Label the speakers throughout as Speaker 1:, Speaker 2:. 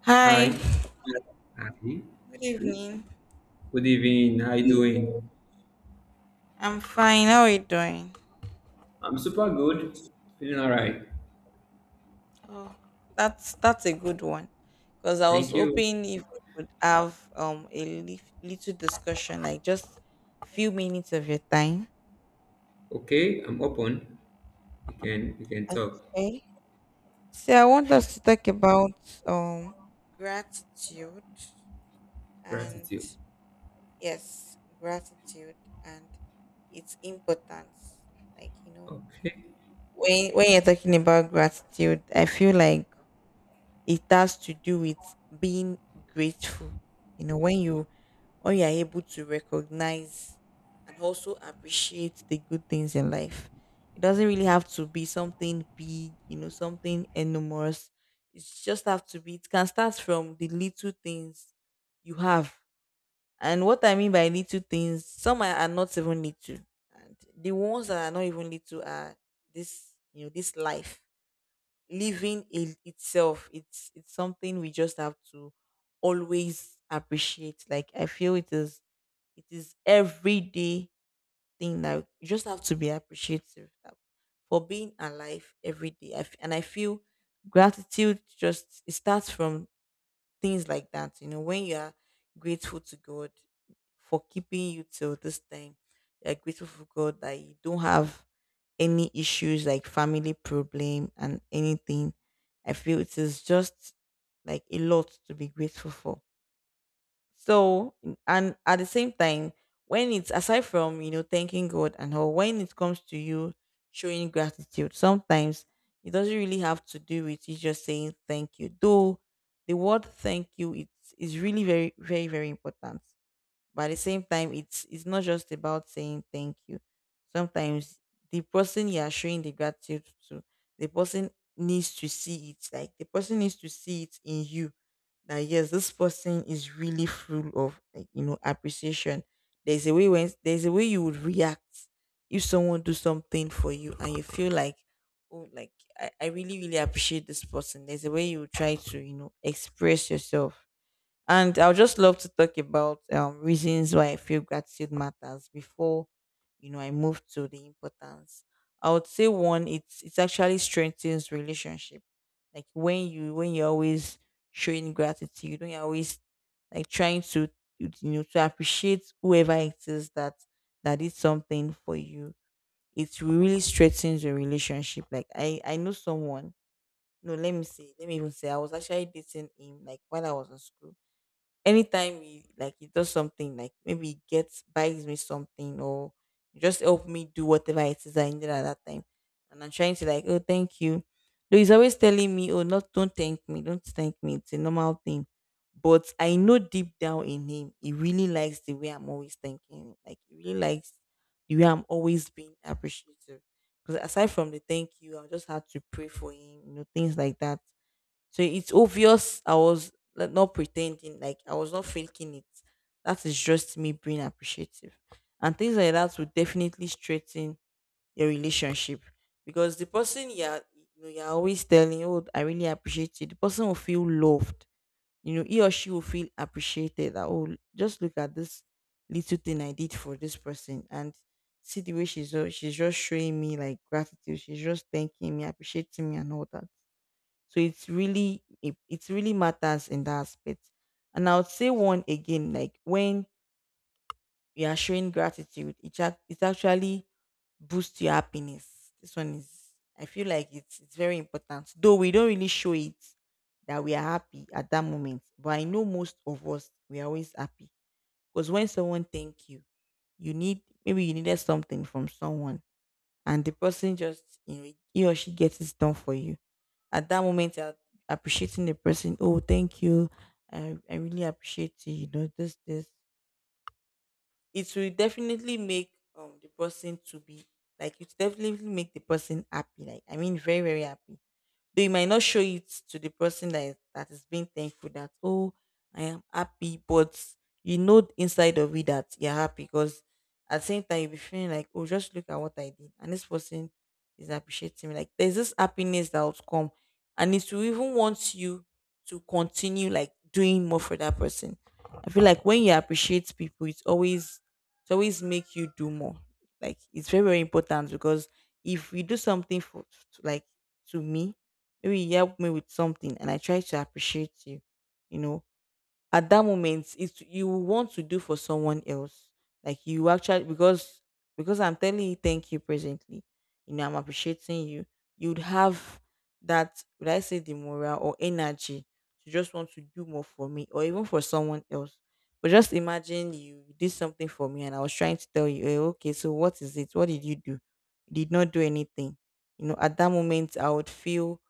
Speaker 1: Hi,
Speaker 2: Hi, hi.
Speaker 1: good evening.
Speaker 2: Good evening. How you doing?
Speaker 1: I'm fine. How are you doing?
Speaker 2: I'm super good. Feeling all right.
Speaker 1: Oh, that's a good one. Because I was
Speaker 2: Thank you.
Speaker 1: hoping if we could have a little discussion, like just few minutes of your time.
Speaker 2: Okay, I'm open. We can talk.
Speaker 1: Okay. So I want us to talk about um gratitude and
Speaker 2: Gratitude.
Speaker 1: yes, gratitude and its importance. Like you know,
Speaker 2: Okay.
Speaker 1: when you're talking about gratitude, I feel like it has to do with being grateful. You know, when you or you are able to recognize and also appreciate the good things in life. It doesn't really have to be something big, you know, something enormous. It just have to be it can start from the little things you have. And what I mean by little things, some are not even little. And the ones that are not even little are this, you know, this life living it itself it's something we just have to always appreciate. Like I feel it is everyday thing that you just have to be appreciative for being alive every day. And I feel gratitude just it starts from things like that. You know when you are grateful to God for keeping you till this time, you're grateful for God that you don't have any issues like family problem and anything. I feel it is just like a lot to be grateful for. So and at the same time when it's aside from you know thanking God and all, when it comes to you showing gratitude, sometimes it doesn't really have to do with you just saying thank you. Though the word thank you, it's is really very very very important, but at the same time it's not just about saying thank you. Sometimes the person you are showing the gratitude to, the person needs to see it. Like the person needs to see it in you, that yes, this person is really full of like, you know, appreciation. There's a way, when there's a way you would react if someone do something for you and you feel like, oh, like I really really appreciate this person. There's a way you try to, you know, express yourself. And I would just love to talk about reasons why I feel gratitude matters before, you know, I move to the importance. I would say one, it actually strengthens relationship. Like when you when you're always showing gratitude, when you're always like trying to you know to appreciate whoever it is that that did something for you, it really strengthens your relationship. Like I know someone. No, let me see. Let me even say I was actually dating him like while I was in school. Anytime he like he does something, like maybe he gets buys me something or just help me do whatever it is I needed at that time. And I'm trying to like, oh thank you. Though he's always telling me, oh not don't thank me, don't thank me. It's a normal thing. But I know deep down in him, he really likes the way I'm always thanking him. Like he really likes the way I'm always being appreciative. Because aside from the thank you, I just had to pray for him, you know, things like that. So it's obvious I was like not pretending, like I was not faking it. That is just me being appreciative. And things like that will definitely strengthen your relationship. Because the person you're you know, you're always telling, oh, I really appreciate you, the person will feel loved. You know, he or she will feel appreciated, that oh, just look at this little thing I did for this person. And see the way she's just showing me like gratitude, she's just thanking me, appreciating me and all that. So it's really it, it really matters in that aspect. And I would say one again, like when you are showing gratitude, it actually boosts your happiness. This one is I feel like it's very important. Though we don't really show it that we are happy at that moment. But I know most of us we are always happy. Because when someone thank you, you need maybe you needed something from someone and the person just you know he or she gets it done for you. At that moment you're appreciating the person, oh thank you, I really appreciate you, you know, this it will definitely make the person to be like, it will definitely make the person happy. Like I mean very very happy. Though you might not show it to the person that is being thankful, that, oh, I am happy, but you know inside of you that you're happy, because at the same time you'll be feeling like, oh, just look at what I did. And this person is appreciating me. Like there's this happiness that would come. And it will even want you to continue like doing more for that person. I feel like when you appreciate people, it's always it always make you do more. Like it's very, very important. Because if you do something for, like, to me, maybe you help me with something and I try to appreciate you, you know, at that moment it's you will want to do for someone else. Like you actually because I'm telling you thank you presently, you know, I'm appreciating you, you'd have that would I say the morale or energy to just want to do more for me or even for someone else. But just imagine you did something for me and I was trying to tell you, "Eh, okay, so what is it? What did you do? You did not do anything." You know, at that moment I would feel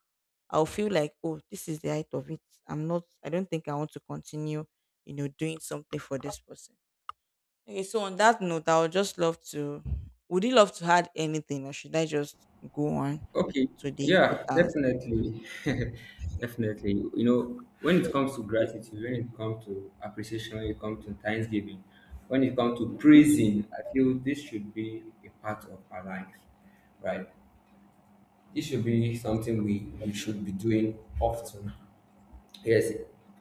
Speaker 1: I'll feel like, oh, this is the height of it. I'm not, I don't think I want to continue, you know, doing something for this person. Okay, so on that note, I would just love to, would you love to add anything or should I just go on
Speaker 2: Okay.
Speaker 1: to the
Speaker 2: Yeah,
Speaker 1: importance?
Speaker 2: definitely. Definitely. You know, when it comes to gratitude, when it comes to appreciation, when it comes to thanksgiving, when it comes to praising, I feel this should be a part of our life, right? This should be something we should be doing often. Yes,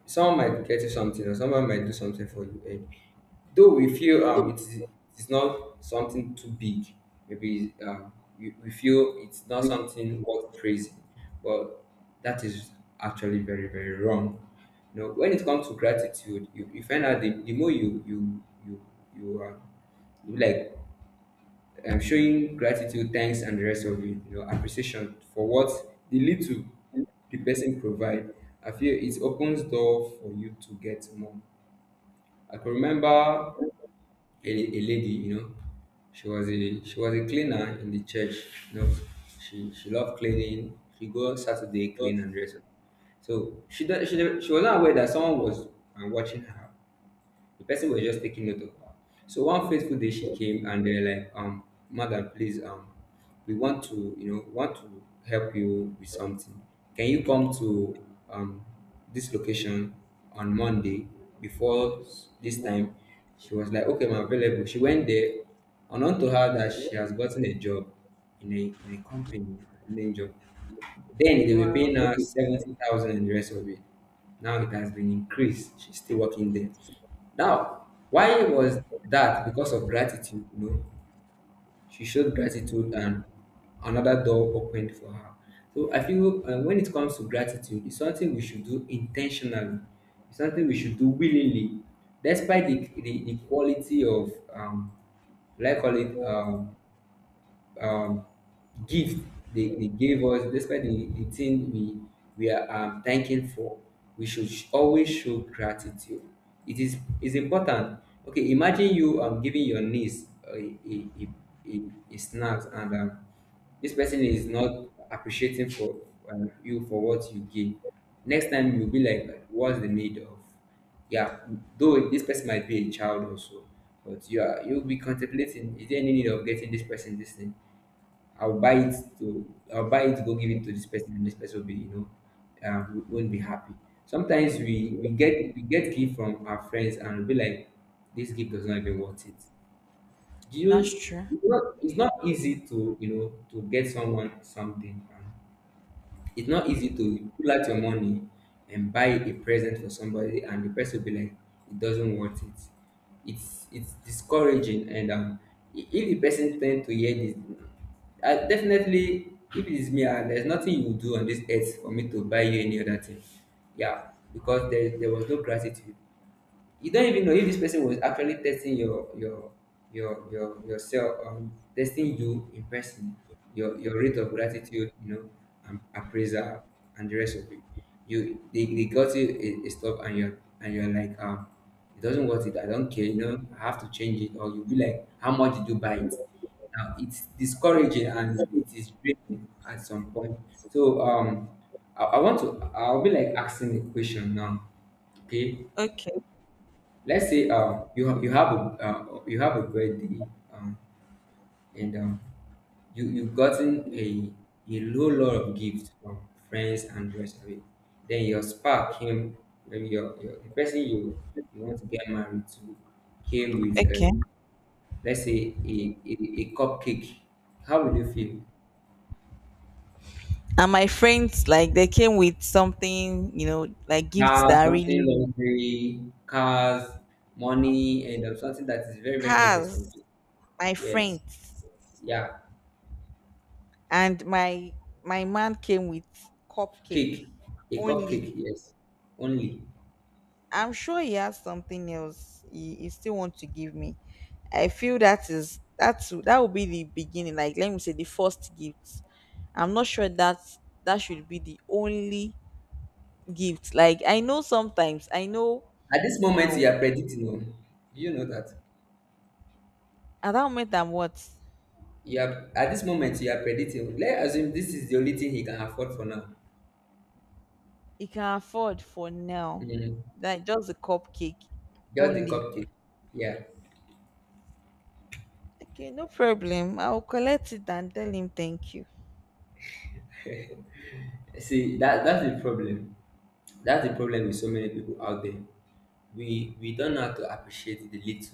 Speaker 2: someone might get you something, or someone might do something for you. And though we feel it is, it's not something too big, maybe we feel it's not something worth praising, but that is actually very very wrong. You know, when it comes to gratitude, you find out the more you you are, you like, I'm showing gratitude, thanks, and the rest of it, you know, appreciation for what the little the person provide. I feel it opens door for you to get more. I can remember a lady, you know, she was a cleaner in the church. You know, she loved cleaning. She go Saturday clean and dress up. So she was not aware that someone was watching her. The person was just taking note of her. So one fateful day she came and they were like, madam, please, we want to, you know, want to help you with something. Can you come to um this location on Monday this time? She was like, okay, I'm available. She went there, unknown to her that she has gotten a job in a company, a main job. Then they were
Speaker 1: Wow,
Speaker 2: paying her 70,000 and the rest of it. Now it has been increased. She's still working there. Now, why was that? Because of gratitude, you know. She showed gratitude and another door opened for her. So I feel when it comes to gratitude, it's something we should do intentionally. It's something we should do willingly, despite the quality of, like I call it, um, gift they gave us, despite the thing we are thanking for, we should always show gratitude. It is important. Okay, imagine you giving your niece a, a snacks and this person is not appreciating for you for what you give. Next time you'll be like, what's the need of? Yeah, though this person might be a child also, but you'll be contemplating, is there any need of getting this person this thing? I'll buy it, go give it to this person and this person will be, you know, won't be happy. Sometimes we get gift from our friends and we'll be like, this gift does not even worth it. Do
Speaker 1: that's
Speaker 2: you?
Speaker 1: true.
Speaker 2: It's not easy to, you know, to get someone something. It's not easy to pull out your money and buy a present for somebody and the person will be like, it doesn't want it. It's discouraging, and if the person tend to hear this, I definitely, if it is me, ah, there's nothing you will do on this earth for me to buy you any other thing. Yeah, because there was no gratitude. You don't even know if this person was actually testing your yourself, testing you in person, your rate of gratitude, you know, and appraisal and the rest of it. You, they got you a stuff, and you're like, it doesn't worth it, I don't care, you know, I have to change it, or you'll be like, how much did you buy it? Now it's discouraging and it is draining at some point. So I want to I'll be like asking a question now. Okay,
Speaker 1: Okay,
Speaker 2: let's say, you have a, you have a great day, um, and you, you've gotten a low lot of gifts from friends and the rest of it. Then your spark came, maybe your the person you, you want to get married to, came with,
Speaker 1: okay.
Speaker 2: let's say a cupcake. How would you feel?
Speaker 1: And my friends, like, they came with something, you know, like gifts that
Speaker 2: Cars,
Speaker 1: I really
Speaker 2: something
Speaker 1: want.
Speaker 2: luxury, cars, money, and something that is very very much
Speaker 1: Cars,
Speaker 2: expensive.
Speaker 1: my
Speaker 2: Yes,
Speaker 1: friends,
Speaker 2: yeah.
Speaker 1: and my man came with cupcake
Speaker 2: Cake, a
Speaker 1: only.
Speaker 2: cupcake, yes, only.
Speaker 1: I'm sure he has something else he still wants to give me. I feel that is that will be the beginning, like let me say the first gift. I'm not sure that that should be the only gift. Like I know sometimes I know
Speaker 2: At this moment, you
Speaker 1: uh,
Speaker 2: are predicting. Oh. Do you know that?
Speaker 1: at that moment I'm what
Speaker 2: You are, at this moment you are predicting. Oh. Let's assume this is the only thing he can afford for now.
Speaker 1: he can afford for now.
Speaker 2: Mm,
Speaker 1: Like just a cupcake
Speaker 2: just the
Speaker 1: only.
Speaker 2: cupcake. Yeah.
Speaker 1: Okay, no problem. I'll collect it and tell him thank you.
Speaker 2: See, that's the problem. That's the problem with so many people out there. We don't know how to appreciate the little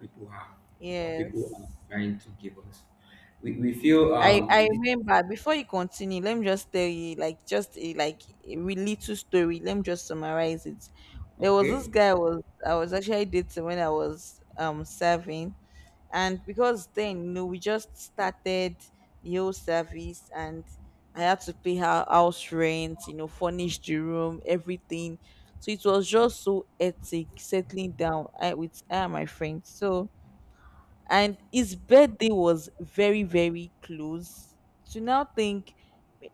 Speaker 2: people have or people are
Speaker 1: Yes.
Speaker 2: trying to give us. We feel
Speaker 1: I I
Speaker 2: this,
Speaker 1: remember, before you continue, let me just tell you like just a like a really little story. Let me just summarize it. There was this
Speaker 2: okay.
Speaker 1: guy I was actually dating when I was serving, and because then you know we just started the whole service, and I had to pay her house rent, you know, furnish the room, everything. So it was just so hectic settling down I, with I and my friends. So and his birthday was very very close to now think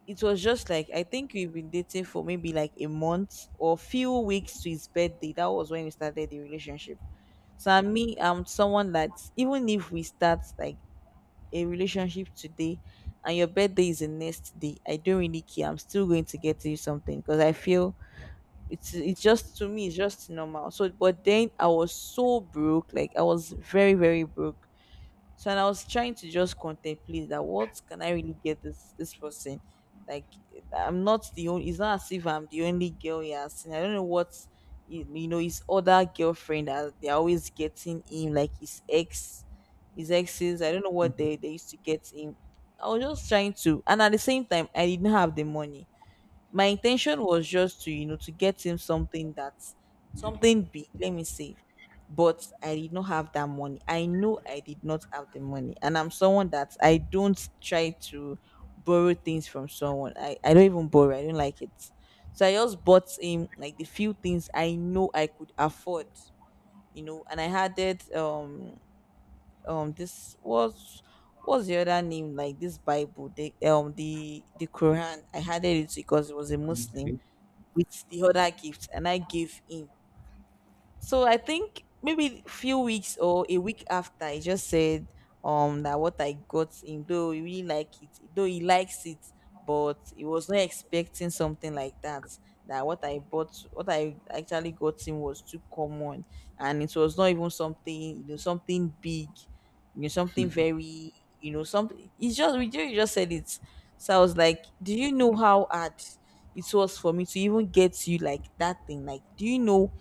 Speaker 1: it was just like I think we've been dating for maybe like a month or few weeks to his birthday. That was when we started the relationship. So I'm me, I'm someone that even if we start like a relationship today and your birthday is the next day I don't really care, I'm still going to get you something, because I feel it's just to me it's just normal. So but then I was so broke, like I was very very broke. So and I was trying to just contemplate that what can I really get this person? Like I'm not the only. It's not as if I'm the only girl he has seen. I don't know what you know his other girlfriend that they're always getting him, like his ex, his exes. I don't know what they used to get him. I was just trying to, and at the same time, I didn't have the money. My intention was just to you know to get him something that's something big, let me say. But I did not have that money, I know I did not have the money, and I'm someone that I don't try to borrow things from someone. I don't even borrow, I don't like it. So I just bought him like the few things I know I could afford, you know. And I had it this was what's the other name, like this Bible, the Quran. I had it because it was a Muslim,
Speaker 2: Okay.
Speaker 1: with the other gift, and I gave him. So I think maybe few weeks or a week after he just said that what I got him, though he really like it, though he likes it, but he was not expecting something like that. That what I bought, what I actually got him was too common, and it was not even something, something big, you know, something very, you know something. It's just you just said it. So I was like, do you know how hard it was for me to even get you like that thing? Like, do you know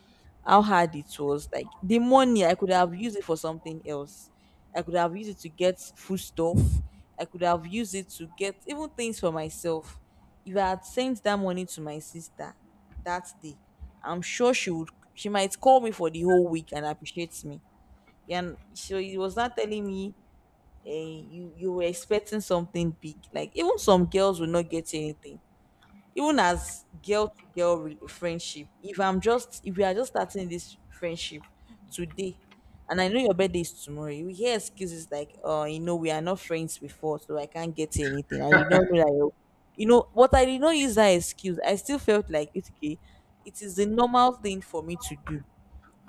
Speaker 1: how hard it was? Like, the money I could have used it for something else. I could have used it to get food stuff. I could have used it to get even things for myself. If I had sent that money to my sister that day, I'm sure she would, she might call me for the whole week and appreciate me. And so he was not telling me. You were expecting something big. Like even some girls will not get anything. Even as girl to girl friendship, if we are just starting this friendship today, and I know your birthday is tomorrow, you will hear excuses like, oh, you know, we are not friends before, so I can't get you anything. I did not know that you know what I did not use that excuse. I still felt like it's okay. It is the normal thing for me to do.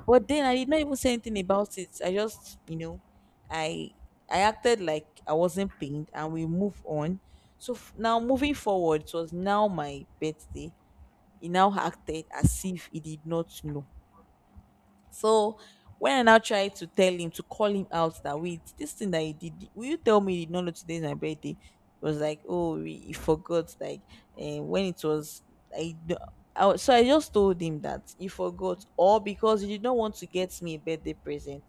Speaker 1: But then I did not even say anything about it. I just, I I acted like I wasn't pained, and we move on. So now moving forward, it was now my birthday. He now acted as if he did not know. So when I now tried to tell him, to call him out that, wait, this thing that he did, will you tell me you did not know today's my birthday? It was like, oh, he forgot. Like, and when it was, I, d- I was- so I just told him that he forgot, or because you did not want to get me a birthday present.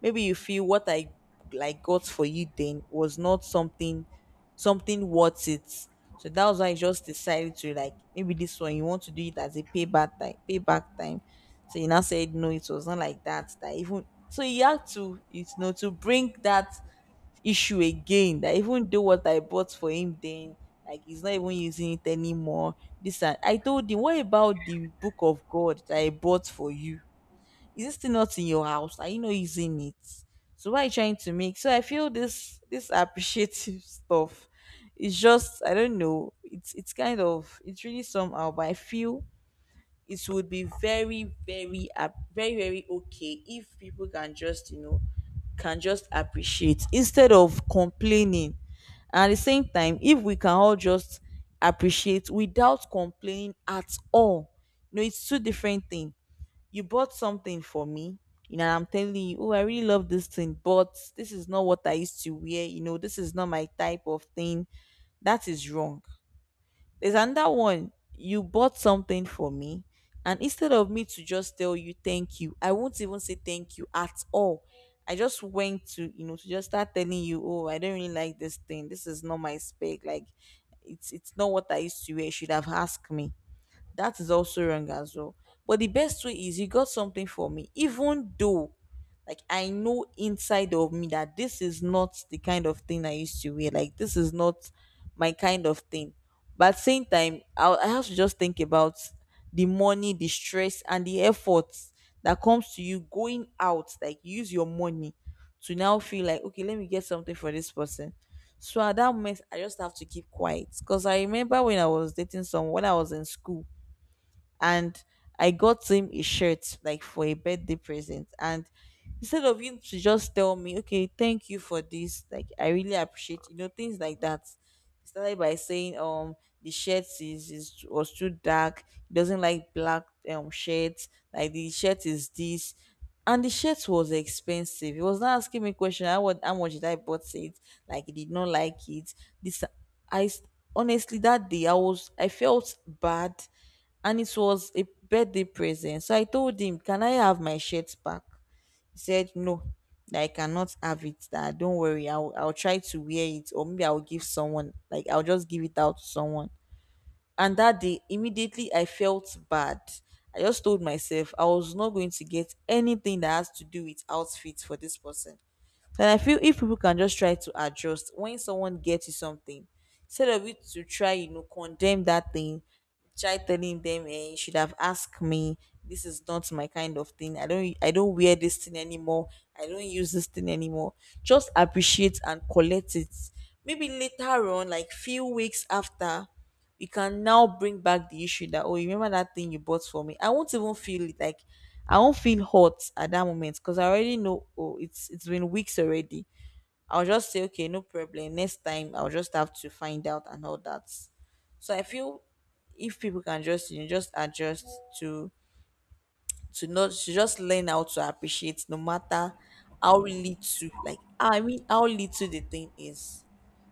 Speaker 1: Maybe you feel what I like got for you then was not something worth it. So that was why I just decided to, like, maybe this one you want to do it as a payback time, payback time. So you now said, no, it was not like that. That even so, you have to, you know, to bring that issue again. That even though what I bought for him then, like, he's not even using it anymore. This And I told him, what about the book of God that I bought for you? Is it still not in your house? Are you not using it? So what are you trying to make? So I feel this appreciative stuff. It's just, I don't know. It's kind of, it's really somehow, but I feel it would be very, very very, very okay if people can just, you know, can just appreciate instead of complaining. And at the same time, if we can all just appreciate without complaining at all, you know, it's two different things. You bought something for me, you know, and I'm telling you, oh, I really love this thing, but this is not what I used to wear. You know, this is not my type of thing. That is wrong. There's another one. You bought something for me, and instead of me to just tell you thank you, I won't even say thank you at all. I just went to, you know, to just start telling you, oh, I don't really like this thing. This is not my spec. Like, it's not what I used to wear. You should have asked me. That is also wrong as well. But the best way is, you got something for me, even though, like, I know inside of me that this is not the kind of thing I used to wear. Like, this is not my kind of thing. But at the same time, I have to just think about the money, the stress, and the efforts that comes to you going out. Like, use your money to now feel like, okay, let me get something for this person. So at that moment, I just have to keep quiet because I remember when I was dating someone when I was in school, and I got him a shirt, like, for a birthday present. And instead of him to just tell me, okay, thank you for this, like, I really appreciate, you know, things like that. He started by saying, the shirt is was too dark. He doesn't like black shirts. Like, the shirt is this, and the shirt was expensive. He was not asking me question, how, what how much did I bought it? Like, he did not like it. This I s- Honestly, that day I was, I felt bad, and it was a birthday present. So I told him, can I have my shirt back? He said, no, that I cannot have it. That, don't worry, I'll try to wear it, or maybe I'll give someone, like, I'll just give it out to someone. And that day, immediately I felt bad. I just told myself I was not going to get anything that has to do with outfits for this person. And I feel if people can just try to adjust when someone gets you something, instead of you to try, you know, condemn that thing, try telling them, eh, you should have asked me. This is not my kind of thing. I don't wear this thing anymore. I don't use this thing anymore. Just appreciate and collect it. Maybe later on, like few weeks after, you can now bring back the issue that, oh, you remember that thing you bought for me? I won't even feel it, like, I won't feel hot at that moment because I already know, oh, it's been weeks already. I'll just say, okay, no problem, next time I'll just have to find out and all that. So I feel if people can just, you know, just adjust to, not to just learn how to appreciate no matter how little, like, I mean, how little the thing is.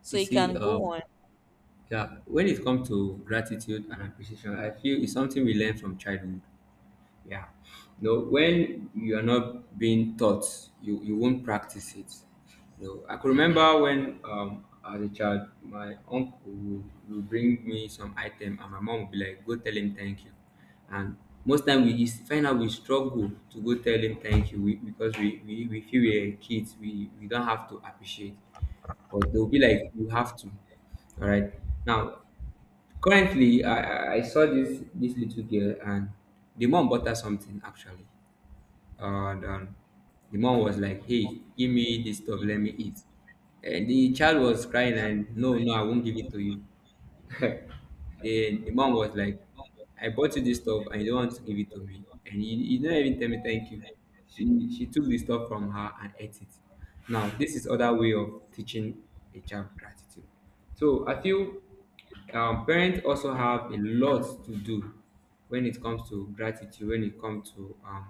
Speaker 1: So
Speaker 2: You
Speaker 1: you
Speaker 2: see,
Speaker 1: can go on.
Speaker 2: yeah, when it comes to gratitude and appreciation, I feel it's something we learn from childhood. Yeah, no, when you are not being taught, you won't practice it. You know, I could remember when, as a child, my uncle would bring me some item, and my mom would be like, "Go tell him thank you." And most time we is find out we struggle to go tell him thank you, because we feel we're kids, we don't have to appreciate, but they'll be like, you have to. All right. Now, currently, I saw this, this little girl, and the mom bought her something actually, and the mom was like, "Hey, give me this stuff, let me eat." And the child was crying and, "No, no, I won't give it to you." the the mom was like, "I bought you this stuff and you don't want to give it to me, and you don't even tell me thank you." She took the stuff from her and ate it. Now this is other way of teaching a child gratitude. So I feel parents also have a lot to do when it comes to gratitude, when it comes to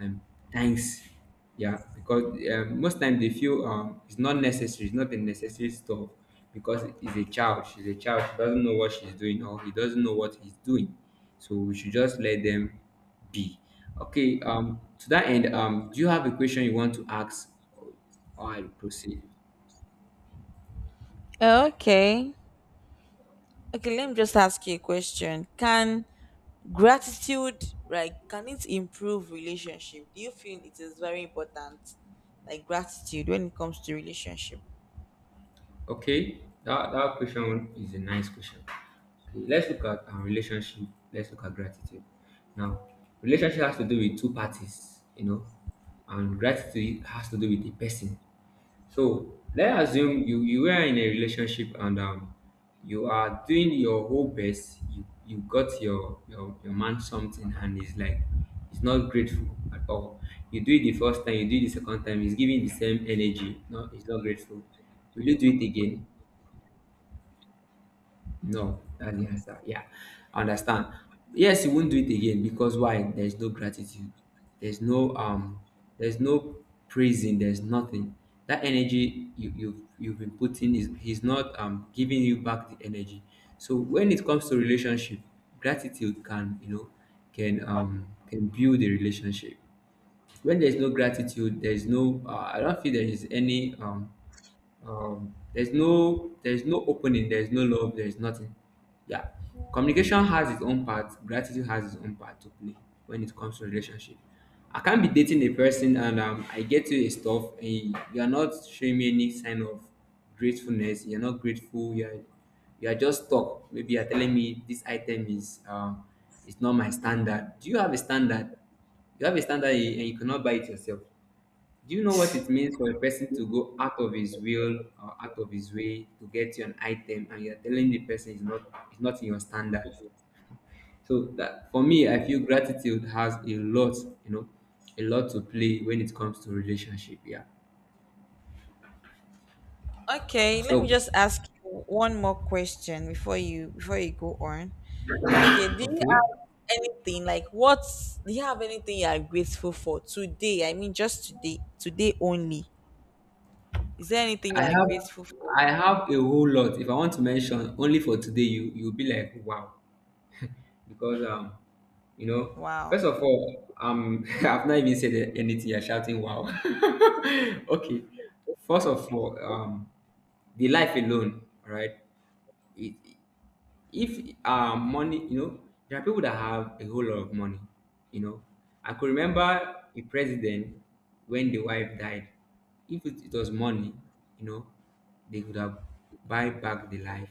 Speaker 2: um thanks. Yeah, because most time they feel, it's not necessary, it's not a necessary stuff, because it's a child, she's a child, she doesn't know what she's doing, or he doesn't know what he's doing, so we should just let them be. Okay, to that end, do you have a question you want to ask, or I proceed?
Speaker 1: Okay. Okay, let me just ask you a question. Can gratitude, like, can it improve relationship? Do you feel it is very important, like gratitude, when it comes to relationship?
Speaker 2: Okay, that question is a nice question. Okay, let's look at our relationship. Let's look at gratitude. Now, relationship has to do with two parties, you know, and gratitude has to do with the person. So let's assume you are in a relationship and you are doing your whole best. You, you got your your man something and he's not grateful at all. You do it the first time, you do it the second time, he's giving the same energy. No, he's not grateful. Will you do it again? No, that's the answer. Yeah, I understand. Yes, you won't do it again because why? There's no gratitude. There's no there's no praising. There's nothing. That energy you've been putting, is he's not giving you back the energy. So when it comes to relationship, gratitude can, you know, can build a relationship. When there's no gratitude, there's no. I don't feel there is any there's no, there's no opening, there's no love, there's nothing. Yeah, communication has its own part, gratitude has its own part to play when it comes to relationship. I can't be dating a person and, I get you a stuff and you're not showing me any sign of gratefulness. You're not grateful, you're just stuck, maybe you're telling me this item is, it's not my standard. Do you have a standard? You have a standard and you cannot buy it yourself. Do you know what it means for a person to go out of his will or out of his way to get you an item, and you're telling the person it's not in your standard? So that for me, I feel gratitude has a lot, you know, a lot to play when it comes to relationship. Yeah.
Speaker 1: Okay, let me
Speaker 2: So
Speaker 1: just ask you one more question before you go on. Okay, do you
Speaker 2: okay.
Speaker 1: have anything like what? Do you have anything you are grateful for today? I mean, just today, today only. Is there anything you
Speaker 2: I
Speaker 1: are
Speaker 2: have
Speaker 1: grateful for?
Speaker 2: I have a whole lot. If I want to mention only for today, you, you'll be like, wow. Because you know,
Speaker 1: Wow.
Speaker 2: first of all, I've not even said anything. You're shouting, "Wow!" Okay, first of all, the life alone, all right. It, if money, you know, there are people that have a whole lot of money. You know, I could remember a president when the wife died. If it was money, you know, they could have buy back the life,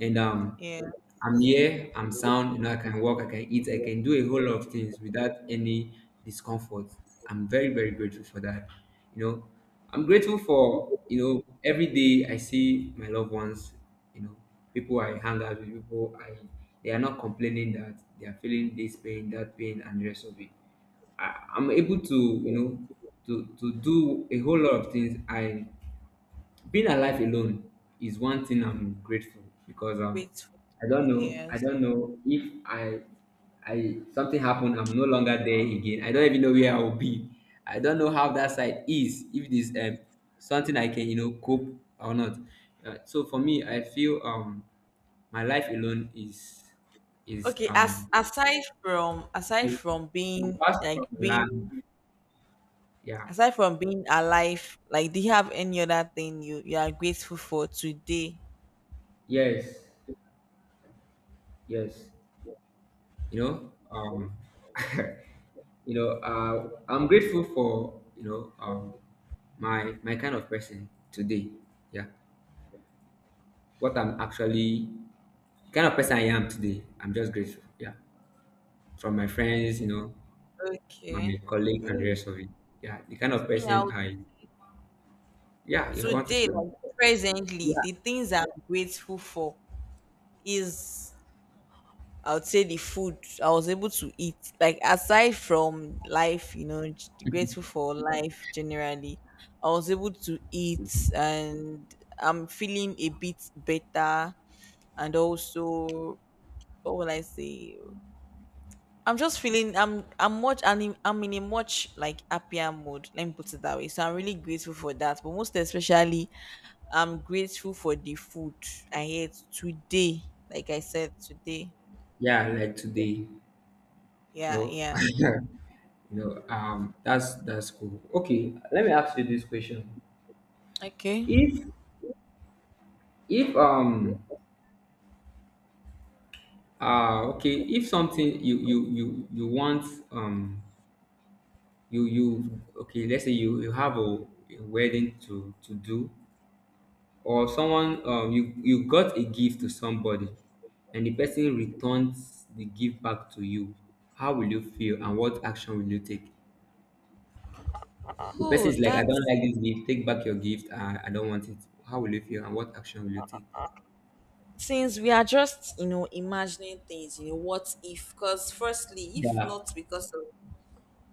Speaker 2: and.
Speaker 1: Yeah,
Speaker 2: I'm here, I'm sound, you know, I can walk, I can eat, I can do a whole lot of things without any discomfort. I'm very, very grateful for that. You know, I'm grateful for, you know, every day I see my loved ones, you know, people I hang out with, people I they are not complaining that they are feeling this pain, that pain, and the rest of it. I'm able to, you know, to do a whole lot of things I Being alive alone is one thing I'm grateful because
Speaker 1: grateful.
Speaker 2: I
Speaker 1: Yes.
Speaker 2: don't know if I, I something happened, I'm no longer there again. I don't even know where I will be. I don't know how that side is. If this something I can, you know, cope or not. So for me, I feel my life alone is is
Speaker 1: Okay, as
Speaker 2: um
Speaker 1: aside
Speaker 2: okay.
Speaker 1: from being,
Speaker 2: Apart
Speaker 1: like,
Speaker 2: from land.
Speaker 1: being
Speaker 2: Yeah.
Speaker 1: aside from being alive, like, do you have any other thing you are grateful for today?
Speaker 2: Yes. Yes. you know um I'm grateful for, my kind of person today. Yeah. what I'm actually kind of person I am today, I'm just grateful. Yeah. From my friends, you know, my
Speaker 1: Okay.
Speaker 2: colleague and the
Speaker 1: Me,
Speaker 2: rest of it. Yeah. the kind of
Speaker 1: me
Speaker 2: person
Speaker 1: out
Speaker 2: I yeah, you want to see
Speaker 1: today,
Speaker 2: them.
Speaker 1: like, presently,
Speaker 2: Yeah.
Speaker 1: the things I'm grateful for is, I would say the food I was able to eat. Like, aside from life, you know, grateful for life generally. I was able to eat and I'm feeling a bit better, and also, what will I say? I'm just feeling, I'm in a much, like, happier mood. Let me put it that way. So I'm really grateful for that. But most especially, I'm grateful for the food I ate today. Like I said, today.
Speaker 2: Yeah, like today,
Speaker 1: Yeah,
Speaker 2: you
Speaker 1: yeah.
Speaker 2: know that's cool. Okay, let me ask you this question.
Speaker 1: Okay.
Speaker 2: If if Ah, okay. If something you you want um you you okay, let's say you have a wedding to do, or someone you got a gift to somebody, and the person returns the gift back to you, how will you feel and what action will you take? The person
Speaker 1: Oh,
Speaker 2: is like, "I
Speaker 1: that,
Speaker 2: don't like this gift. Take back your gift. I don't want it." How will you feel and what action will you take?
Speaker 1: since we are just, you know, imagining things, you know, what if? Because firstly, if
Speaker 2: Yeah.
Speaker 1: not because of,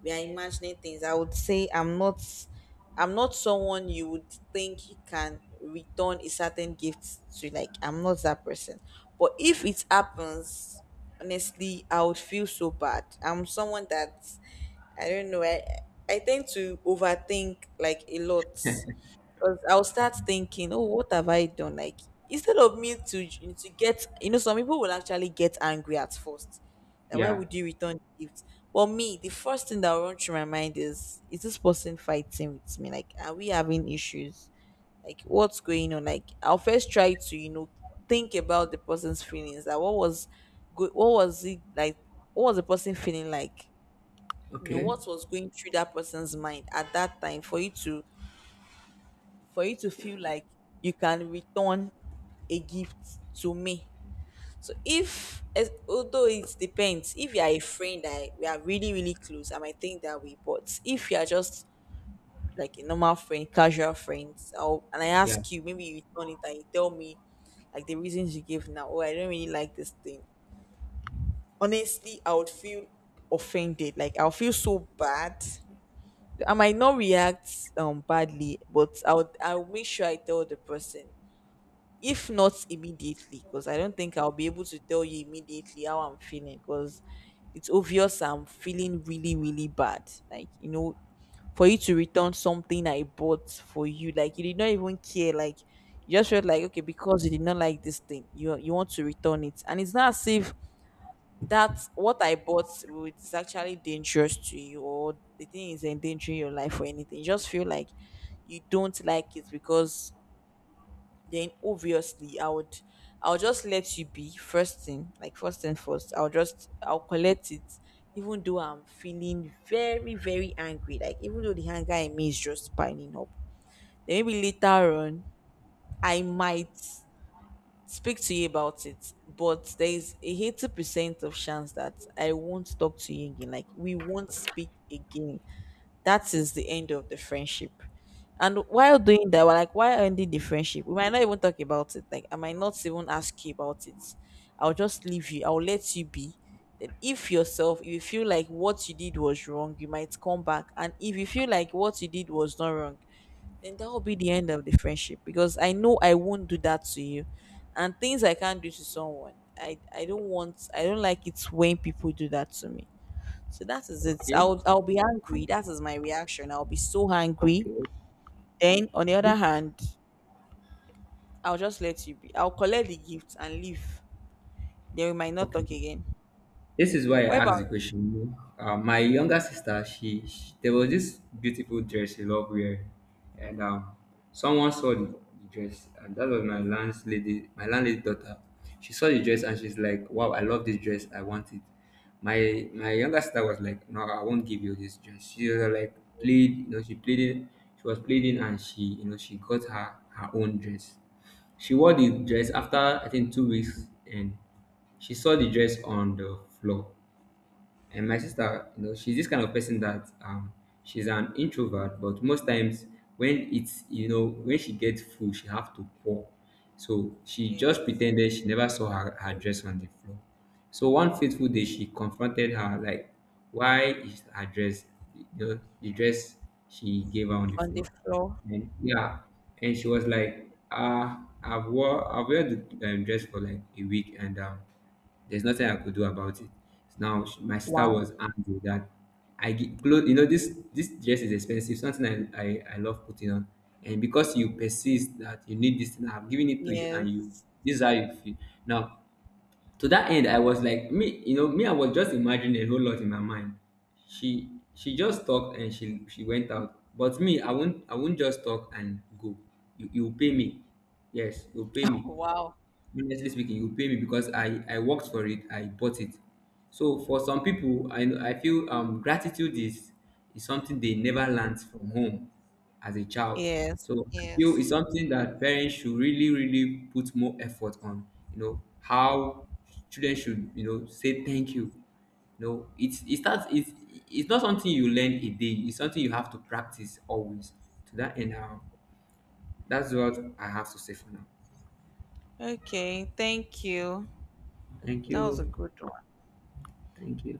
Speaker 1: we are imagining things, I would say, I'm not someone you would think you can return a certain gift to. Like, I'm not that person. But if it happens, honestly, I would feel so bad. I'm someone that, I don't know I tend to overthink, like, a lot, because I'll start thinking, oh, what have I done? Like, instead of me to, get, you know, some people will actually get angry at first, that, why
Speaker 2: Yeah.
Speaker 1: would you return the gift? But me, the first thing that will run through my mind is this person fighting with me? Like, are we having issues? Like, what's going on? Like, I'll first try to, you know, think about the person's feelings. That, what was good? What was it like? What was the person feeling like? You know,
Speaker 2: Okay.
Speaker 1: what was going through that person's mind at that time for you to feel like you can return a gift to me? So, if as- although it depends, if you are a friend that we are really, really close, I might think that way. But if you are just like a normal friend, casual friends, I'll, and I
Speaker 2: Yeah.
Speaker 1: ask you, maybe you turn it and you tell me, like, the reasons you gave now. Oh, I don't really like this thing. Honestly, I would feel offended. Like, I'll feel so bad. I might not react badly, but I'll make sure I tell the person, if not immediately, because I don't think I'll be able to tell you immediately how I'm feeling, because it's obvious I'm feeling really, really bad. Like, you know, for you to return something I bought for you, like, you did not even care. Like, you just felt like, okay, because you did not like this thing, you want to return it, and it's not as if that what I is actually dangerous to you, or the thing is endangering your life or anything. You just feel like you don't like it because, then obviously I would, I'll just let you be. First thing, like, first thing first, I'll just I'll collect it, even though I'm feeling very, very angry. Like, even though the anger in me is just piling up. Then maybe later on I might speak to you about it. But there is a 80% of chance that I won't talk to you again. Like, we won't speak again. That is the end of the friendship. And while doing that, we're like, why ending the friendship? We might not even talk about it. Like, I might not even ask you about it. I'll just leave you. I'll let you be. Then, if yourself, if you feel like what you did was wrong, you might come back. And if you feel like what you did was not wrong, then that will be the end of the friendship. Because I know I won't do that to you. And things I can't do to someone, I don't want. I don't like it when people do that to me. So that is it.
Speaker 2: Okay.
Speaker 1: I'll be angry. That is my reaction. I'll be so angry.
Speaker 2: Okay.
Speaker 1: Then on the other hand, I'll just let you be. I'll collect the gift and leave. Then we might not
Speaker 2: Okay.
Speaker 1: talk again.
Speaker 2: This is why I
Speaker 1: What about
Speaker 2: asked the
Speaker 1: you?
Speaker 2: question. My younger sister, she there was this beautiful dress she loved wearing, and someone saw the dress, and that was my landlady daughter. She saw the dress and she's like, "Wow, I love this dress. I want it." My younger sister was like, "No, I won't give you this dress." She was like, she pleaded, she was pleading, and she, you know, she got her own dress. She wore the dress after I think 2 weeks, and she saw the dress on the floor, and my sister, you know, she's this kind of person that she's an introvert, but most times when it's, you know, when she gets full, she have to pour. So she just
Speaker 1: Yes.
Speaker 2: pretended she never saw her dress on the floor. So one fateful day, she confronted her like, "Why is her dress, you know, the dress she gave her on the
Speaker 1: On the
Speaker 2: floor?"
Speaker 1: floor?
Speaker 2: And yeah, and she was like, "Ah, I've wear the dress for like a week, and." There's nothing I could do about it. Now my sister
Speaker 1: Wow.
Speaker 2: was angry that I get clothes. You know this dress is expensive. Something I love putting on, and because you persist that you need this thing, I'm giving it to you, and you,
Speaker 1: Yes.
Speaker 2: this is how you feel. Now to that end, I was like, me, you know me. I was just imagining a whole lot in my mind. She she just talked and she went out. But me, I won't just talk and go. You pay me. Yes, you pay me,
Speaker 1: Wow.
Speaker 2: honestly speaking, you pay me because I worked for it, I bought it. So for some people, I feel gratitude is something they never learned from home as a child.
Speaker 1: Yes.
Speaker 2: So I feel
Speaker 1: Yes.
Speaker 2: it's something that parents should really, really put more effort on. You know how children should, you know, say thank you. You know, it's it starts, it's not something you learn a day, it's something you have to practice always. To that end, that's what I have to say for now.
Speaker 1: Okay. Thank you.
Speaker 2: Thank
Speaker 1: That was a
Speaker 2: you.
Speaker 1: good one.
Speaker 2: Thank you.